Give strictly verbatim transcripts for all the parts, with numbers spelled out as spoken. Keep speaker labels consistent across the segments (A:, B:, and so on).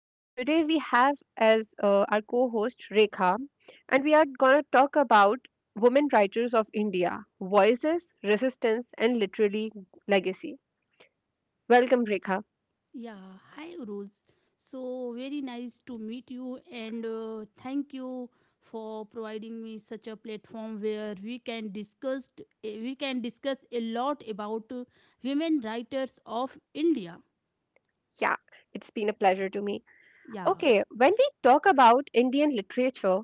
A: And today we have as uh, our co-host Rekha, and we are going to talk about women writers of India, voices, resistance, and literally legacy. Welcome, Rekha.
B: Yeah, hi Uruz. So very nice to meet you and uh, thank you for providing me such a platform where we can discuss we can discuss a lot about uh, women writers of India.
A: Yeah, it's been a pleasure to me.
B: Yeah.
A: Okay, when we talk about Indian literature,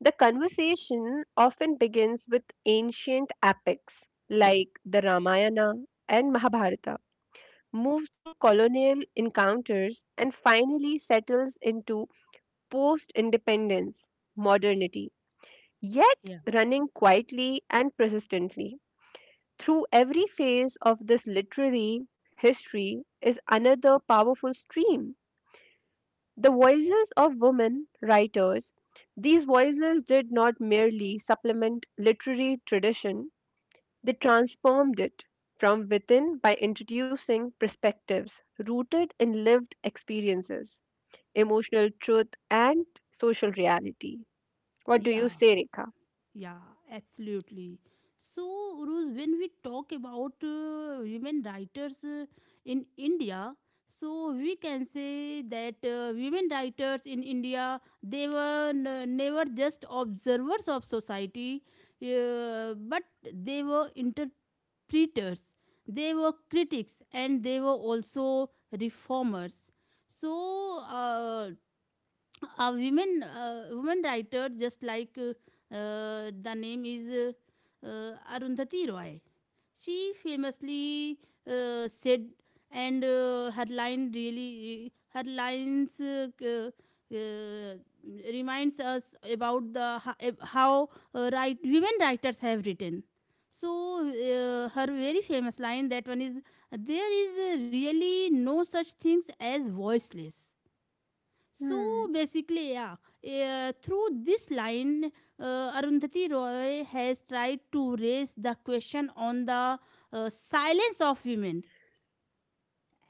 A: the conversation often begins with ancient epics like the Ramayana and Mahabharata, moves through colonial encounters, and finally settles into post independence modernity, yet
B: Yeah.
A: running quietly and persistently. Through every phase of this literary history is another powerful stream, the voices of women writers. These voices did not merely supplement literary tradition, they transformed it from within by introducing perspectives rooted in lived experiences, emotional truth, and social reality. What do you
B: Yeah.
A: say, Rekha?
B: Yeah, absolutely. So, Uruz, when we talk about uh, women writers uh, in India, so we can say that uh, women writers in India, they were n- never just observers of society, uh, but they were interpreters. They were critics, and they were also reformers. So, uh, a women uh, woman writer, just like, uh, uh, the name is uh, uh, Arundhati Roy. She famously uh, said, and uh, her line really her lines uh, uh, uh, reminds us about the ho- how uh, right women writers have written. So uh, her very famous line, that one is, there is really no such things as voiceless. So
A: Hmm.
B: basically, yeah, eh, through this line, uh, Arundhati Roy has tried to raise the question on the uh, silence of women.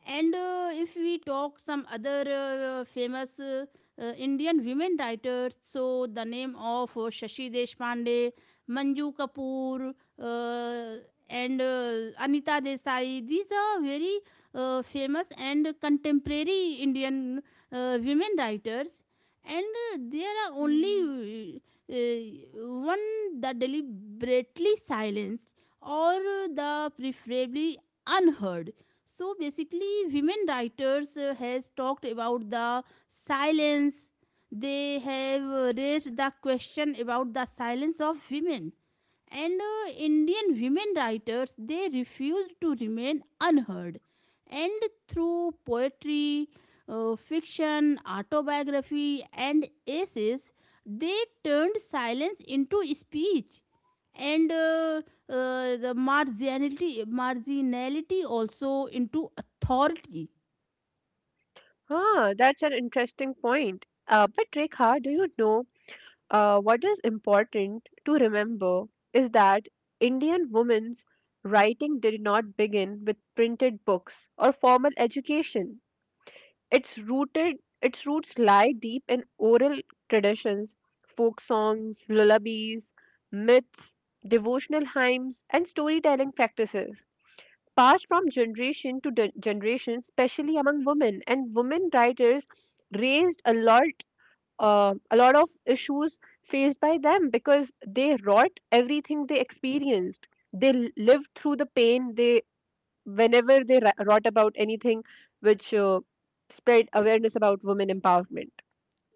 B: And uh, if we talk some other uh, famous, uh, uh, Indian women writers, so the name of uh, Shashi Deshpande, Manju Kapoor, uh, and uh, Anita Desai, these are very uh, famous and contemporary Indian uh, women writers. And uh, there are
A: Hmm.
B: only uh, uh, one that deliberately silenced or the preferably unheard. So basically women writers uh, has talked about the silence. They have uh, raised the question about the silence of women, and uh, Indian women writers, they refused to remain unheard, and through poetry, uh, fiction, autobiography, and essays, they turned silence into speech, and uh, uh, the marginality marginality also into authority.
A: Ah, that's an interesting point. Uh, but Rekha, do you know uh, what is important to remember is that Indian women's writing did not begin with printed books or formal education. Its rooted its roots lie deep in oral traditions, folk songs, lullabies, myths, devotional hymns, and storytelling practices passed from generation to de- generation, especially among women. And women writers raised a lot uh, a lot of issues faced by them because they wrought everything they experienced. They l- lived through the pain. They, whenever they ra- wrought about anything which uh, spread awareness about women empowerment.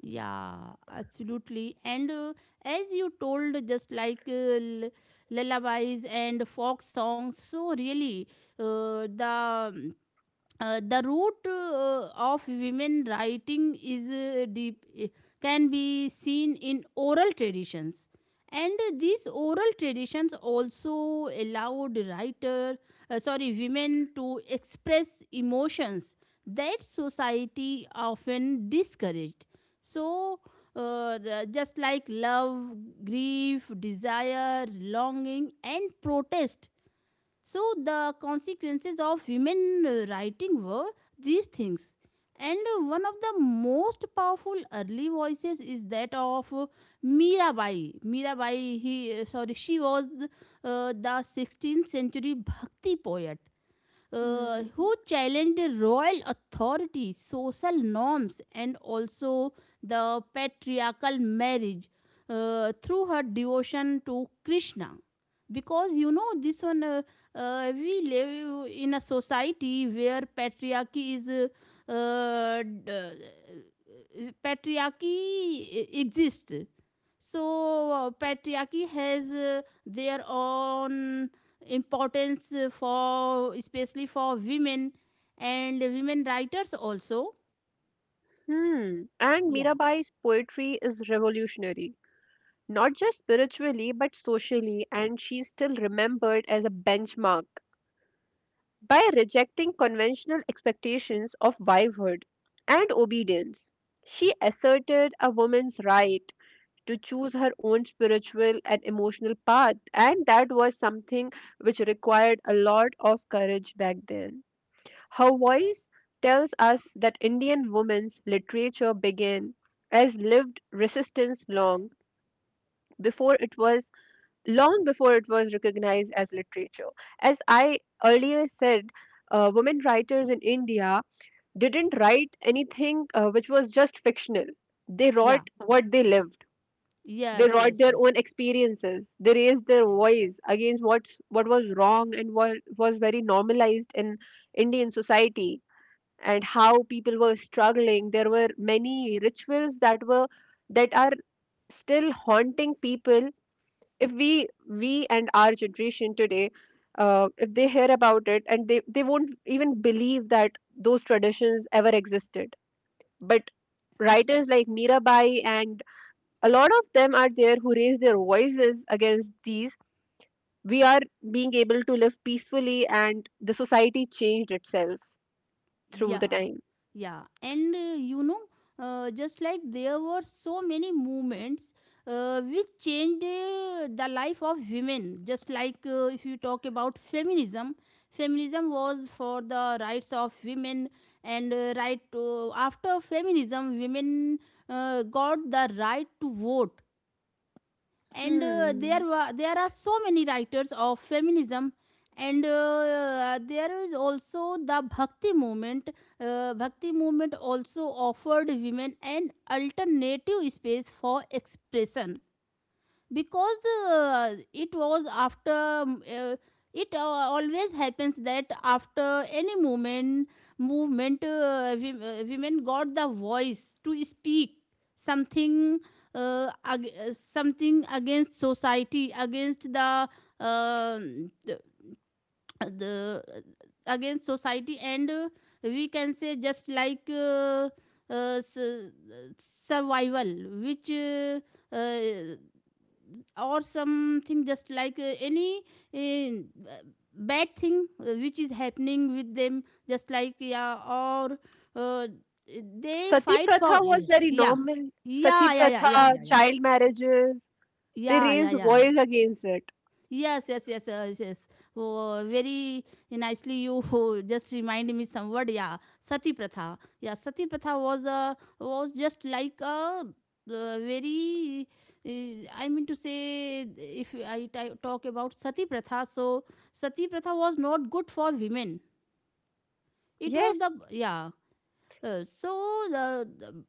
B: Yeah, absolutely. And uh, as you told, just like, uh, l- lullabies and folk songs, so really uh, the uh, the root uh, of women writing is uh, deep, uh, can be seen in oral traditions, and these oral traditions also allowed writer, uh, sorry, women, to express emotions that society often discouraged. So uh, the- just like love, grief, desire, longing, and protest. So the consequences of women uh, writing were these things. And uh, one of the most powerful early voices is that of uh, Mirabai. Mirabai, he uh, sorry, she was uh, the sixteenth century Bhakti poet uh, who
A: Hmm.
B: challenged the royal authority, social norms, and also the patriarchal marriage uh, through her devotion to Krishna. Because, you know, this one, uh, uh, we live in a society where patriarchy is. Uh, uh, uh, Patriarchy e-, exists. So uh, patriarchy has uh, their own importance, uh, for especially for women, and women writers also.
A: Hmm. And
B: Yeah.
A: Mirabai's poetry is revolutionary, not just spiritually but socially, and she's still remembered as a benchmark by rejecting conventional expectations of wivehood and obedience. She asserted a woman's right to choose her own spiritual and emotional path, and that was something which required a lot of courage back then. Her voice tells us that Indian women's literature began as lived resistance long before it was long before it was recognized as literature. As I earlier said, uh, women writers in India didn't write anything uh, which was just fictional. They
B: Yeah.
A: wrote what they lived. They
B: Yes,
A: wrote
B: yes,
A: their
B: yes.
A: own experiences. They raised their voice against what's, what was wrong and what was very normalized in Indian society. And how people were struggling, there were many rituals that were that are still haunting people. If we we and our generation today, uh, if they hear about it, and they they won't even believe that those traditions ever existed. But writers like Mirabai, and a lot of them are there who raise their voices against these, we are being able to live peacefully and the society changed itself through the
B: Yeah.
A: time.
B: Yeah. And uh, you know, uh, just like there were so many movements uh, which changed uh, the life of women. Just like, uh, if you talk about feminism, feminism was for the rights of women, and uh, right to, after feminism, women uh, got the right to vote. And uh, there
A: Hmm.
B: were there are so many writers of feminism. And uh, there is also the Bhakti movement. uh, Bhakti movement also offered women an alternative space for expression, because the, uh, it was after um, uh, it uh, always happens that after any movement, movement uh, wom- uh, women got the voice to speak something, uh, ag- uh, something against society, against the um, the, uh, the uh, against society. And uh, we can say, just like, uh, uh, s- survival, which uh, uh, or something, just like uh, any uh, bad thing uh, which is happening with them, just like, yeah, or uh, they
A: Sati
B: fight
A: Pratha
B: for,
A: was very
B: yeah.
A: normal. Sati
B: Yeah, yeah, yeah,
A: Pratha,
B: yeah, yeah,
A: Mm.
B: yeah.
A: child marriages, they
B: Yeah, yeah, yeah,
A: raised
B: yeah.
A: voice against it.
B: Yes, yes, yes, yes, yes. Oh, very nicely you just remind me some word. Yeah, sati pratha. Yeah, sati pratha was a was just like a, uh, very. Uh, I mean to say, if I t- talk about sati pratha, so sati pratha was not good for women. It was the,
A: Yes,
B: yeah, uh, so the, the-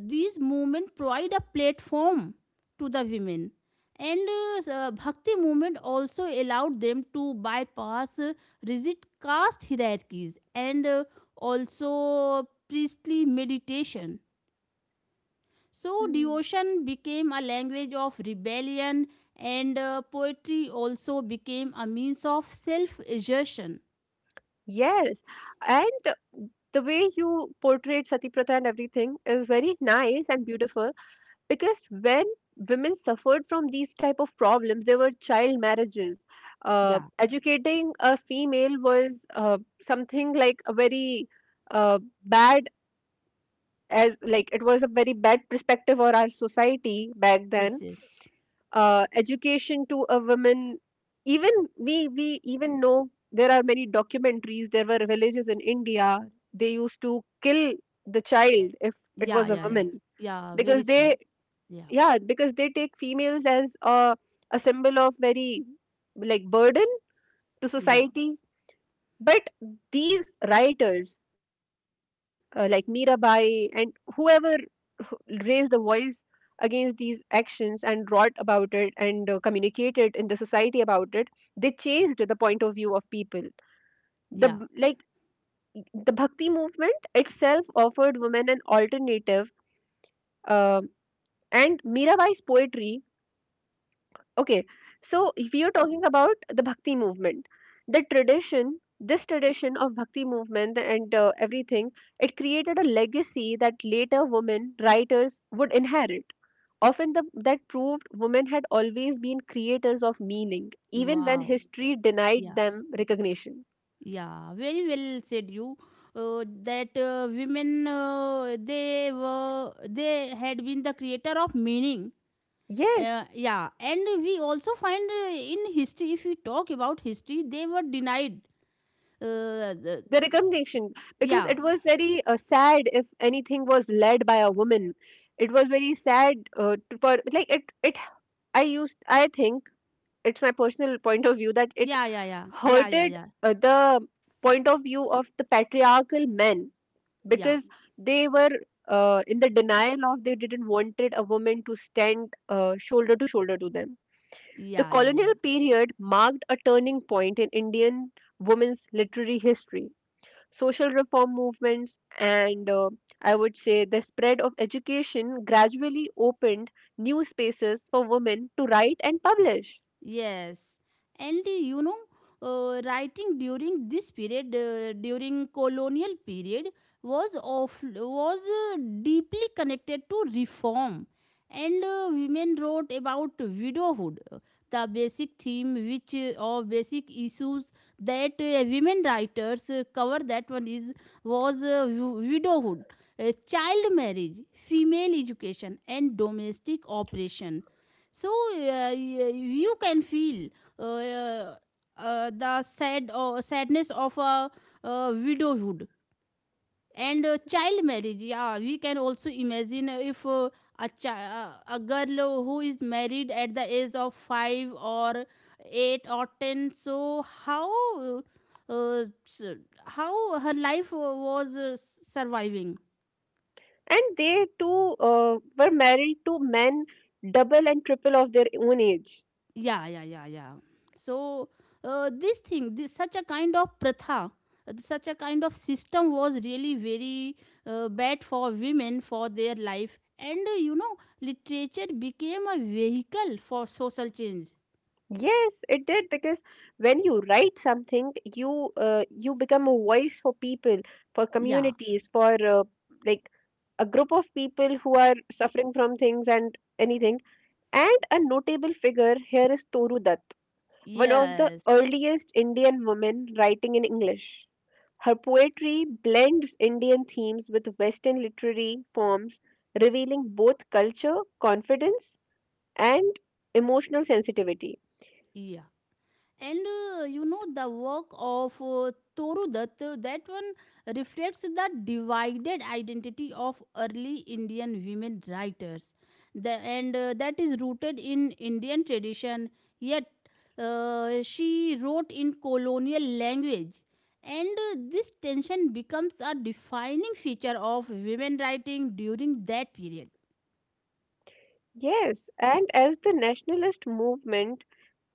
B: these movement provide a platform to the women. And uh, uh, Bhakti movement also allowed them to bypass uh, rigid caste hierarchies, and uh, also priestly meditation. So
A: Mm.
B: devotion became a language of rebellion, and uh, poetry also became a means of self exertion.
A: yes. And the way you portrayed Sati Pratha and everything is very nice and beautiful because when women suffered from these type of problems, there were child marriages. Uh,
B: Yeah.
A: educating a female was uh, something like a very uh, bad, as like it was a very bad perspective for our society back
B: Yes,
A: then.
B: yes.
A: Uh, education to a woman, even we we even know there are many documentaries, there were villages in India they used to kill the child if it
B: Yeah.
A: was a
B: Yeah, yeah.
A: woman,
B: Yeah, very
A: because
B: sad.
A: they,
B: Yeah.
A: yeah, because they take females as a, a symbol of very like burden to
B: Yeah.
A: society. But these writers, uh, like Mirabai and whoever, who raised the voice against these actions and wrote about it and uh, communicated in the society about it, they changed the point of view of people. The b-
B: Yeah.
A: like the Bhakti movement itself offered women an alternative, um and Mirabai's poetry, okay, so if you're talking about the Bhakti movement, the tradition this tradition of Bhakti movement and uh, everything, it created a legacy that later women writers would inherit, often the, that proved women had always been creators of meaning even when
B: Wow.
A: history denied
B: Yeah.
A: them recognition.
B: Yeah. Very well said you. Uh, that uh, Women, uh, they were they had been the creator of meaning. Uh,
A: Yes,
B: yeah, and we also find uh, in history, if we talk about history, they were denied. Uh, the,
A: the recognition. Because
B: yeah,
A: it was very uh, sad if anything was led by a woman. It was very sad, uh, to- for like, it it I used I think it's my personal point of view that it
B: yeah, yeah, yeah, yeah, yeah,
A: hurted
B: yeah,
A: uh, the point of view of the patriarchal men,
B: yeah,
A: because they were uh, in the denial of, they didn't wanted a woman to stand uh, shoulder to shoulder to them. The
B: yeah, yeah, yeah.
A: colonial period marked a turning point in Indian women's literary history. Social reform movements and, uh, I would say, the spread of education gradually opened new spaces for women to write and publish.
B: Yes, and uh, you know, uh, writing during this period, uh, during colonial period, was of was uh, deeply connected to reform, and uh, women wrote about widowhood, uh, the basic theme which uh, or basic issues that uh, women writers uh, cover. That one is was, uh, wi- widowhood, uh, child marriage, female education, and domestic operation. So uh, y- you can feel uh, uh, uh, the sad or sadness of a, uh, widowhood and uh, child marriage. Yeah, we can also imagine if, uh, a chi- uh, a girl who is married at the age of five or eight or ten. So how uh, uh, s- how her life was uh, surviving?
A: And they too uh, were married to men double and triple of their own age.
B: Yeah, yeah, yeah, yeah. So uh, this thing, this such a kind of pratha, uh, such a kind of system was really very uh, bad for women, for their life. And uh, you know, literature became a vehicle for social change.
A: Yes, it did, because when you write something you, uh, you become a voice for people, for
B: Yeah.
A: communities, for uh, like a group of people who are suffering from things and anything. And a notable figure here is Toru, one of the
B: Yes.
A: earliest Indian women writing in English. Her poetry blends Indian themes with Western literary forms, revealing both culture, confidence, and emotional sensitivity.
B: Yeah. And uh, you know, the work of uh, Torudat, uh, that one reflects the divided identity of early Indian women writers, the, and uh, that is rooted in Indian tradition, yet uh, she wrote in colonial language. And uh, this tension becomes a defining feature of women writing during that period.
A: Yes, and as the nationalist movement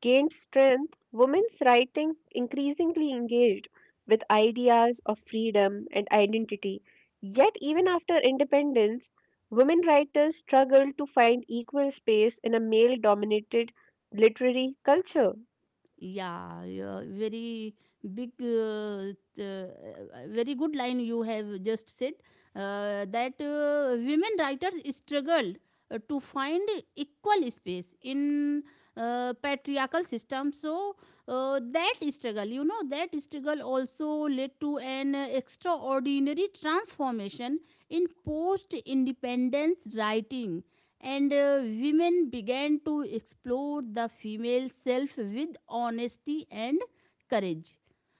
A: gained strength, women's writing increasingly engaged with ideas of freedom and identity. Yet, even after independence, women writers struggled to find equal space in a male dominated literary culture.
B: Yeah, yeah, very big, uh, t- uh, very good line you have just said, uh, that uh, women writers struggled uh, to find equal space in uh, patriarchal system. So uh, that struggle, you know, that struggle also led to an uh, extraordinary transformation in post-independence writing. And uh, women began to explore the female self with honesty and courage.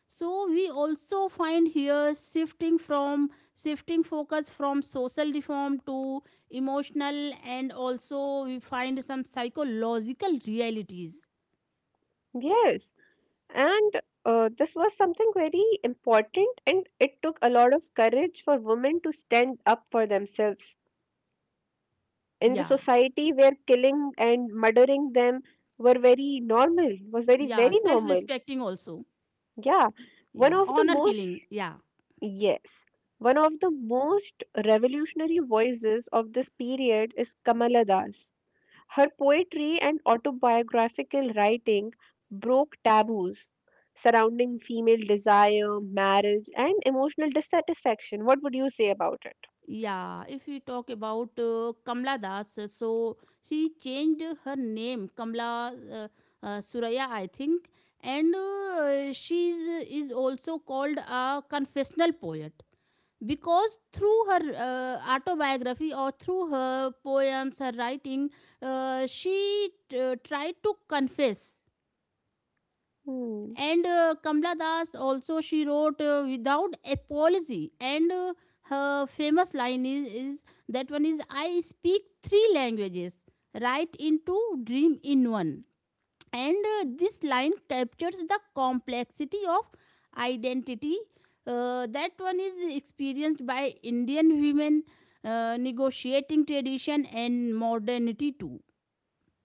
B: So we also find here shifting from shifting focus from social reform to emotional, and also we find some psychological realities.
A: Yes, and uh, this was something very important, and it took a lot of courage for women to stand up for themselves. In the
B: Yeah.
A: society where killing and murdering them were very normal, was very,
B: Yeah,
A: very
B: self
A: normal.
B: respecting also.
A: Yeah, one
B: Yeah,
A: of the
B: honor
A: most,
B: killing, yeah.
A: yes, one of the most revolutionary voices of this period is Kamala Das. Her poetry and autobiographical writing broke taboos surrounding female desire, marriage, and emotional dissatisfaction. What would you say about it?
B: Yeah, if we talk about uh, Kamla Das, uh, so she changed her name, Kamla uh, uh, Suraya, I think. And uh, she is also called a confessional poet, because through her uh, autobiography, or through her poems, her writing, uh, she t- tried to confess.
A: Hmm.
B: And uh, Kamla Das also, she wrote uh, without apology. And uh, her famous line is, is, that one is, I speak three languages, write in two, dream in one. And uh, this line captures the complexity of identity uh, that one is experienced by Indian women, uh, negotiating tradition and modernity too.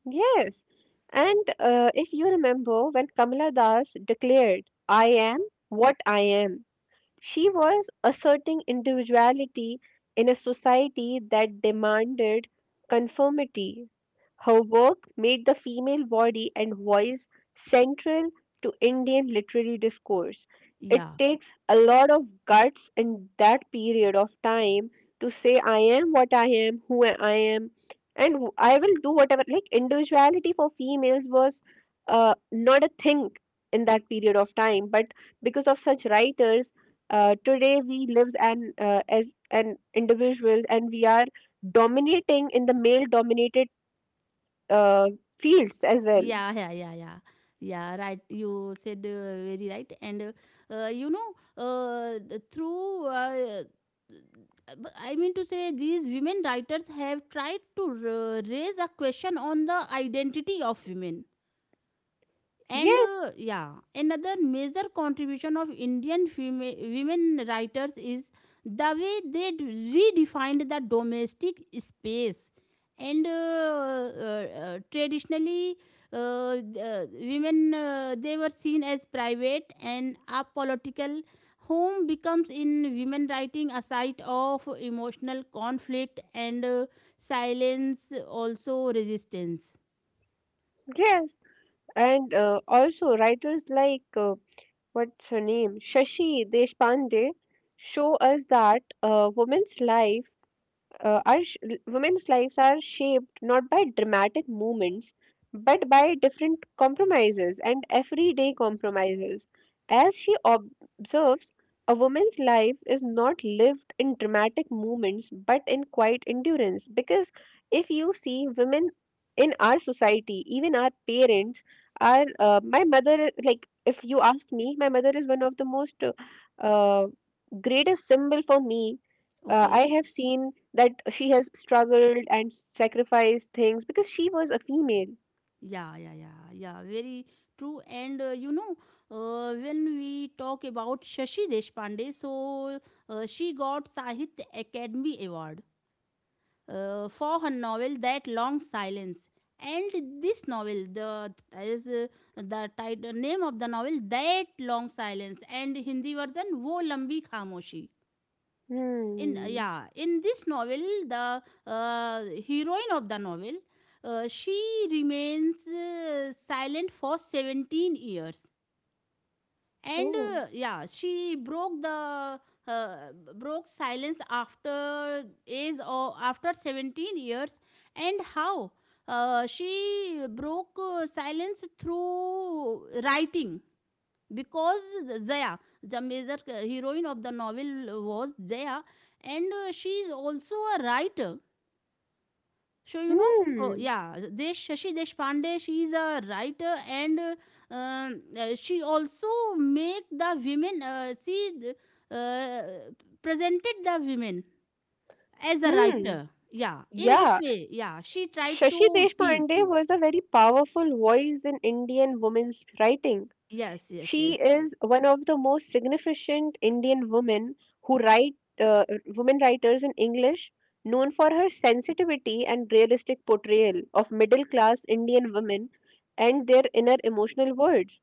A: Yes. And uh, if you remember when Kamala Das declared, I am what I am, she was asserting individuality in a society that demanded conformity. Her work made the female body and voice central to Indian literary discourse.
B: Yeah.
A: It takes a lot of guts in that period of time to say, I am what I am, who I am, and wh- I will do whatever. Like, individuality for females was uh, not a thing in that period of time, but because of such writers, uh, today we live an, uh, as an individuals and we are dominating in the male dominated uh, fields as well.
B: Yeah, yeah, yeah, yeah, yeah. Right, you said, uh, very right. And uh, uh, you know, uh, the- through uh, but I mean to say, these women writers have tried to r- raise a question on the identity of women. And
A: Yes,
B: uh, yeah, another major contribution of Indian fema- women writers is the way they d- redefined the domestic space. And uh, uh, uh, traditionally, uh, th- uh, women, uh, they were seen as private and apolitical. Home becomes in women writing a site of emotional conflict and uh, silence, also resistance.
A: yes. And uh, also writers like, uh, what's her name, Shashi Deshpande, show us that a woman's life, uh, our sh- l- women's lives are shaped not by dramatic movements but by different compromises and everyday compromises. As she ob- observes, a woman's life is not lived in dramatic movements but in quiet endurance. Because if you see women in our society, even our parents are, uh, my mother, i- like if you ask me, my mother is one of the most uh, uh, greatest symbol for me. uh, I
B: Okay.
A: have seen that she has struggled and sacrificed things because she was a female.
B: Yeah, yeah, yeah, yeah. Very true. And uh, you know, uh, when we talk about Shashi Deshpande, so uh, she got Sahitya Academy Award uh, for her novel That Long Silence. And this novel, the is uh, the title name of the novel That Long Silence, and Hindi version Wo Lambi Khamoshi. In uh, Yeah,
A: Hmm.
B: in this novel, the uh, heroine of the novel, uh, she remains uh, silent for seventeen years. And
A: Oh.
B: uh, yeah, she broke the uh, broke silence after age, or after seventeen years. And how uh, she broke uh, silence through writing? Because Zaya, the major heroine of the novel, was Zaya, and uh, she is also a writer. So you know, oh
A: Hmm.
B: yeah, Desh Shashi Deshpande, she is a writer. And uh, um, uh, she also make the women. Uh, she uh, presented the women as a
A: Hmm.
B: writer. Yeah, in this
A: Yeah.
B: way. Yeah, she tried
A: Shashi
B: to be.
A: Deshpande was a very powerful voice in Indian women's writing.
B: Yes, yes,
A: She
B: yes.
A: is one of the most significant Indian women who write uh, women writers in English, known for her sensitivity and realistic portrayal of middle class Indian women and their inner emotional worlds.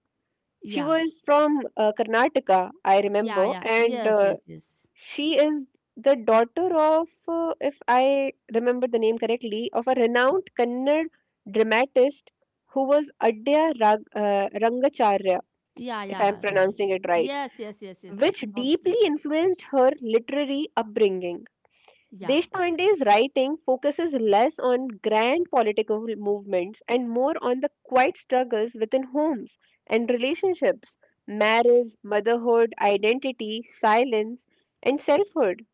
A: She
B: Yeah,
A: was from uh, Karnataka, I
B: yeah,
A: remember,
B: yeah.
A: and
B: Yes,
A: uh,
B: yes, yes.
A: she is the daughter of, uh, if I remember the name correctly, of a renowned Kannada dramatist who was Adya Rag- uh, Rangacharya,
B: Yeah,
A: if I'm
B: yeah, yeah, yeah.
A: pronouncing it right,
B: Yes, yes, yes, yes, yes.
A: which deeply
B: Absolutely.
A: influenced her literary upbringing.
B: Yeah,
A: Deshpande's writing focuses less on grand political movements and more on the quiet struggles within homes and relationships, marriage, motherhood, identity, silence, and selfhood.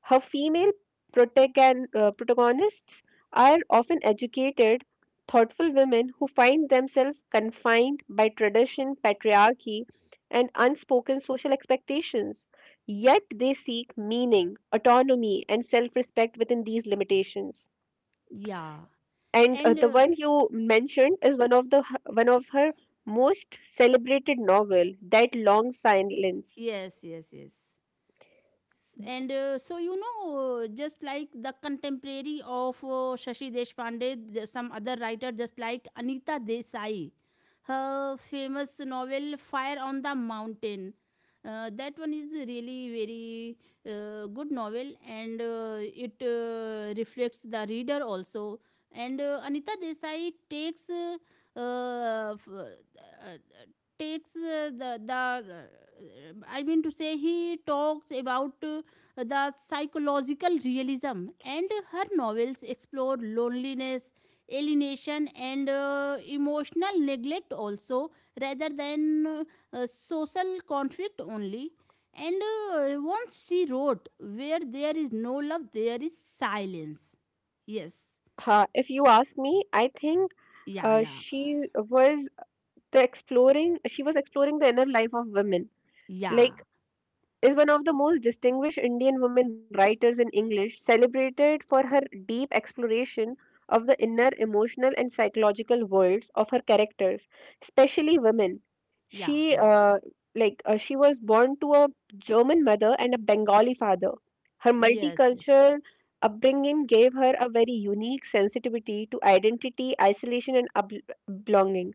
A: Her female protagon- uh, protagonists are often educated, thoughtful women who find themselves confined by tradition, patriarchy, and unspoken social expectations. Yet they seek meaning, autonomy, and self respect within these limitations.
B: yeah.
A: And uh,
B: And
A: the
B: uh,
A: one you mentioned is one of the one of her most celebrated novel, That Long Silence.
B: yes, yes, yes. and uh, so you know uh, Just like the contemporary of uh, Shashi Deshpande, j- some other writer just like Anita Desai, her famous novel Fire on the Mountain, uh, that one is really very uh, good novel. And uh, it uh, reflects the reader also. And uh, Anita Desai takes uh, uh, f- uh, takes uh, the the uh, I mean to say he talks about uh, the psychological realism, and her novels explore loneliness, alienation, and uh, emotional neglect also, rather than uh, uh, social conflict only. And uh, once she wrote, "Where there is no love, there is silence." Yes.
A: Uh, if you ask me, I think
B: Yeah.
A: uh,
B: Yeah.
A: she was the exploring, she was exploring the inner life of women. Like,
B: Yeah.
A: is one of the most distinguished Indian women writers in English, celebrated for her deep exploration of the inner emotional and psychological worlds of her characters, especially women.
B: Yeah.
A: She
B: Yeah.
A: uh, like uh, she was born to a German mother and a Bengali father. Her
B: Yes. Yes.
A: multicultural upbringing gave her a very unique sensitivity to identity, isolation, and up- belonging.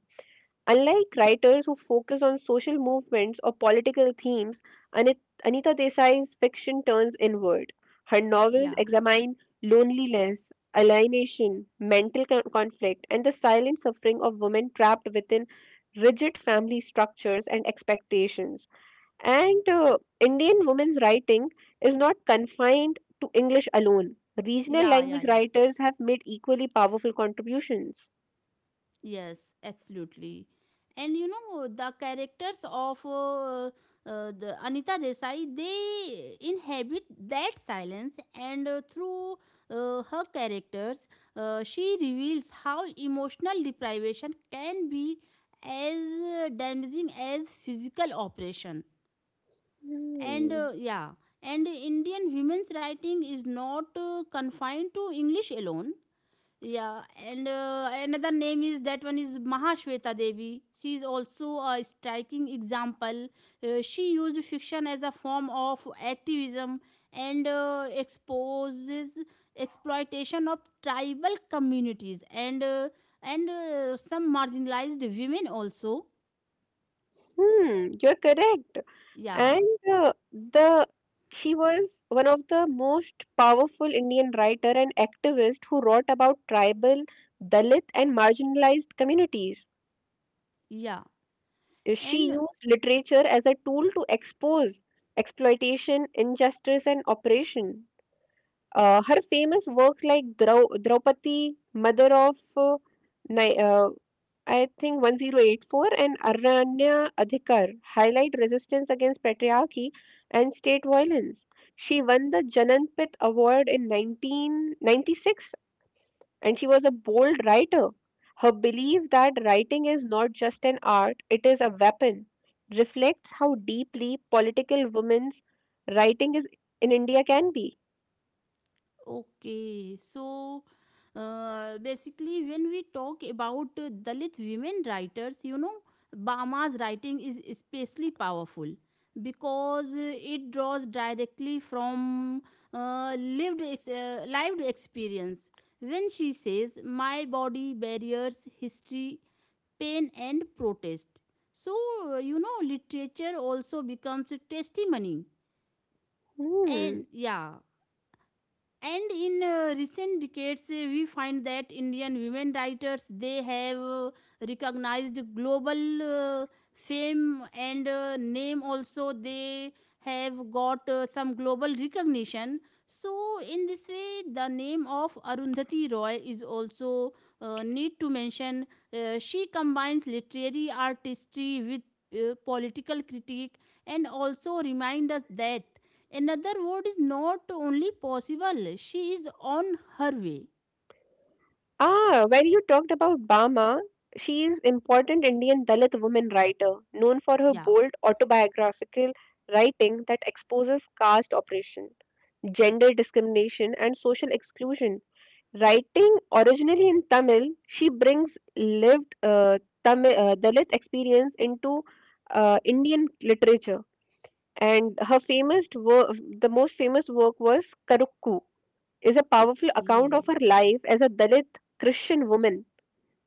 A: Unlike writers who focus on social movements or political themes, Anit- Anita Desai's fiction turns inward. Her novels
B: Yeah.
A: examine loneliness, alienation, mental con- conflict, and the silent suffering of women trapped within rigid family structures and expectations. And uh, Indian women's writing is not confined to English alone. Regional
B: Yeah. Yeah.
A: language
B: Yeah.
A: writers have made equally powerful contributions.
B: Yes, absolutely. And you know the characters of uh, uh, the Anita Desai, they inhabit that silence, and uh, through uh, her characters, uh, she reveals how emotional deprivation can be as damaging as physical operation. And
A: Hmm.
B: uh, yeah, and Indian women's writing is not uh, confined to English alone. Yeah, and uh, another name is that one is Mahashweta Devi. She is also a striking example. Uh, she used fiction as a form of activism and uh, exposes exploitation of tribal communities and uh, and uh, some marginalized women also.
A: Hmm, you're correct.
B: Yeah,
A: And uh, the she was one of the most powerful Indian writer and activist who wrote about tribal, Dalit, and marginalized communities.
B: yeah,
A: Uh, She
B: and
A: used literature as a tool to expose exploitation, injustice, and oppression. Uh, her famous works like Drau Draupadi, Mother of uh, Ni- uh, I think one oh eight four, and Aranya Adhikar, highlight resistance against patriarchy and state violence. She won the Jananpith Award in nineteen ninety-six, and she was a bold writer. Her belief that writing is not just an art, it is a weapon, reflects how deeply political women's writing is in India can be.
B: okay, so uh, basically, when we talk about uh, Dalit women writers, you know, Bama's writing is especially powerful because uh, it draws directly from uh, lived ex- uh, lived experience. When she says, "My body, barriers, history, pain, and protest," so uh, you know, literature also becomes a testimony. And
A: Hmm.
B: yeah, and in uh, recent decades uh, we find that Indian women writers, they have uh, recognized global uh, fame and uh, name also. They have got uh, some global recognition, so in this way the name of Arundhati Roy is also uh, need to mention. Uh, she combines literary artistry with uh, political critique and also remind us that another word is not only possible, she is on her way.
A: Ah, when you talked about Bama, she is important Indian Dalit woman writer known for her
B: Yeah.
A: bold autobiographical writing that exposes caste oppression, gender discrimination, and social exclusion. Writing originally in Tamil, she brings lived uh, Tamil uh, Dalit experience into uh, Indian literature. And her famous work, the most famous work was Karukku, is a powerful
B: Okay.
A: account of her life as a Dalit Christian woman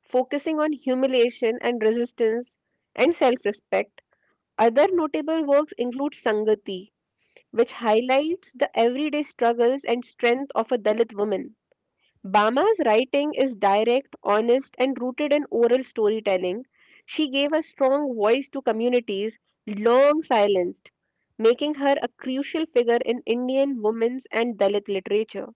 A: focusing on humiliation and resistance and self respect. Other notable works include Sangati, which highlights the everyday struggles and strength of a Dalit woman. Bama's writing is direct, honest, and rooted in oral storytelling. She gave a strong voice to communities long silenced, making her a crucial figure in Indian women's and Dalit literature.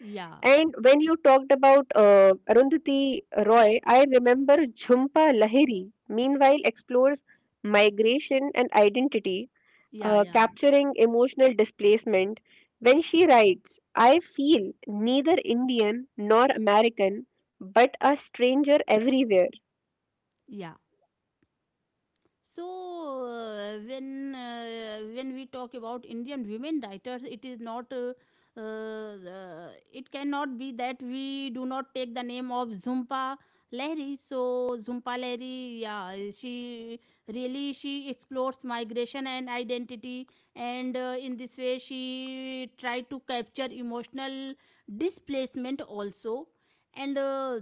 B: Yeah.
A: And when you talked about uh, Arundhati Roy, I remember Jhumpa Lahiri, meanwhile, explores migration and identity,
B: Yeah.
A: uh,
B: Yeah.
A: capturing emotional displacement. When she writes, I feel neither Indian nor American, but a stranger everywhere.
B: Yeah. So uh, when uh, when we talk about Indian women writers, it is not uh, uh, uh, it cannot be that we do not take the name of Zumpa Lahiri. So Zumpa Lahiri, yeah, she really she explores migration and identity, and uh, in this way she tried to capture emotional displacement also. And. Uh,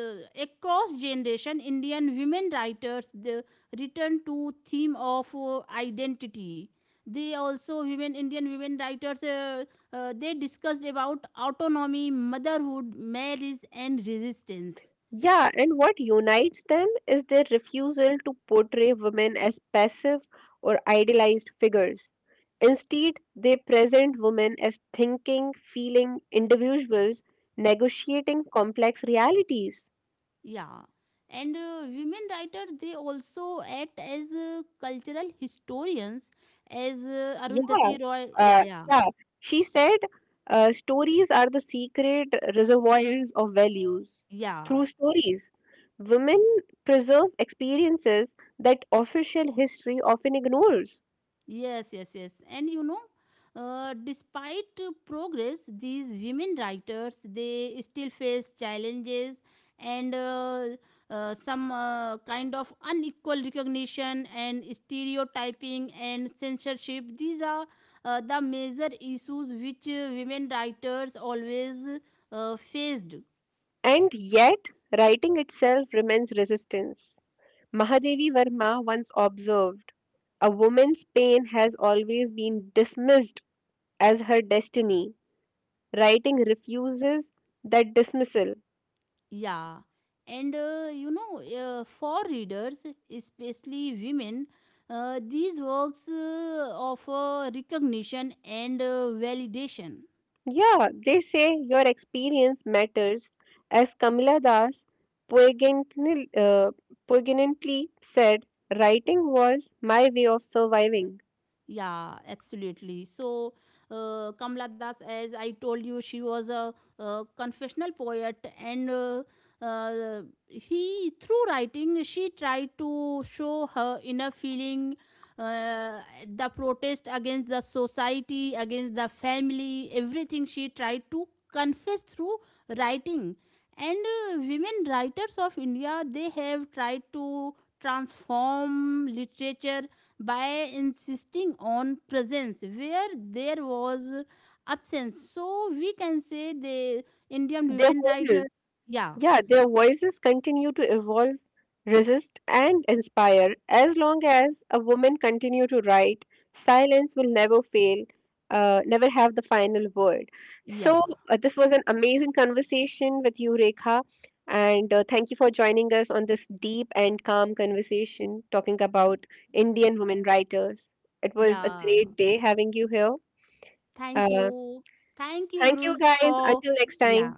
B: uh, Across generation Indian women writers, the, return to theme of uh, identity. They also, women Indian women writers, uh, uh, they discussed about autonomy, motherhood, marriage and resistance.
A: Yeah, and what unites them is their refusal to portray women as passive or idealized figures. Instead, they present women as thinking, feeling individuals negotiating complex realities.
B: Yeah, and uh, women writers, they also act as uh, cultural historians, as uh,
A: Yeah,
B: Arundhati Roy. Yeah,
A: uh,
B: yeah,
A: yeah. She said, uh, stories are the secret reservoirs of values.
B: yeah.
A: Through stories, women preserve experiences that official history often ignores.
B: Yes, yes, yes. And you know, uh, despite uh, progress, these women writers they still face challenges, and uh, uh, some uh, kind of unequal recognition and stereotyping and censorship. These are uh, the major issues which uh, women writers always uh, faced.
A: And yet, writing itself remains resistance. Mahadevi Verma once observed, a woman's pain has always been dismissed as her destiny. Writing refuses that dismissal.
B: Yeah, and uh, you know, uh, for readers, especially women, uh, these works uh, offer recognition and uh, validation.
A: Yeah, they say your experience matters. As Kamila Das poignantly uh, poignantly said, writing was my way of surviving.
B: Yeah, absolutely. So, uh, Kamala Das, as I told you, she was a, uh confessional poet, and uh, uh, he through writing she tried to show her inner feeling, uh, the protest against the society, against the family, everything she tried to confess through writing. And uh, women writers of India, they have tried to transform literature by insisting on presence where there was absence. So we can say the Indian
A: Their
B: women writer.
A: voices,
B: Yeah,
A: yeah, their voices continue to evolve, resist, and inspire. As long as a woman continue to write, silence will never fail, uh, never have the final word. So
B: yeah,
A: uh, this was an amazing conversation with you, Rekha, and uh, thank you for joining us on this deep and calm conversation talking about Indian women writers. It was a
B: yeah.
A: great day having you here.
B: Thank
A: Uh,
B: you. Thank you,
A: Thank you,
B: Uruz,
A: guys.
B: for.
A: Until next
B: Yeah,
A: time.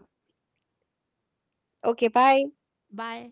A: Okay, bye.
B: bye.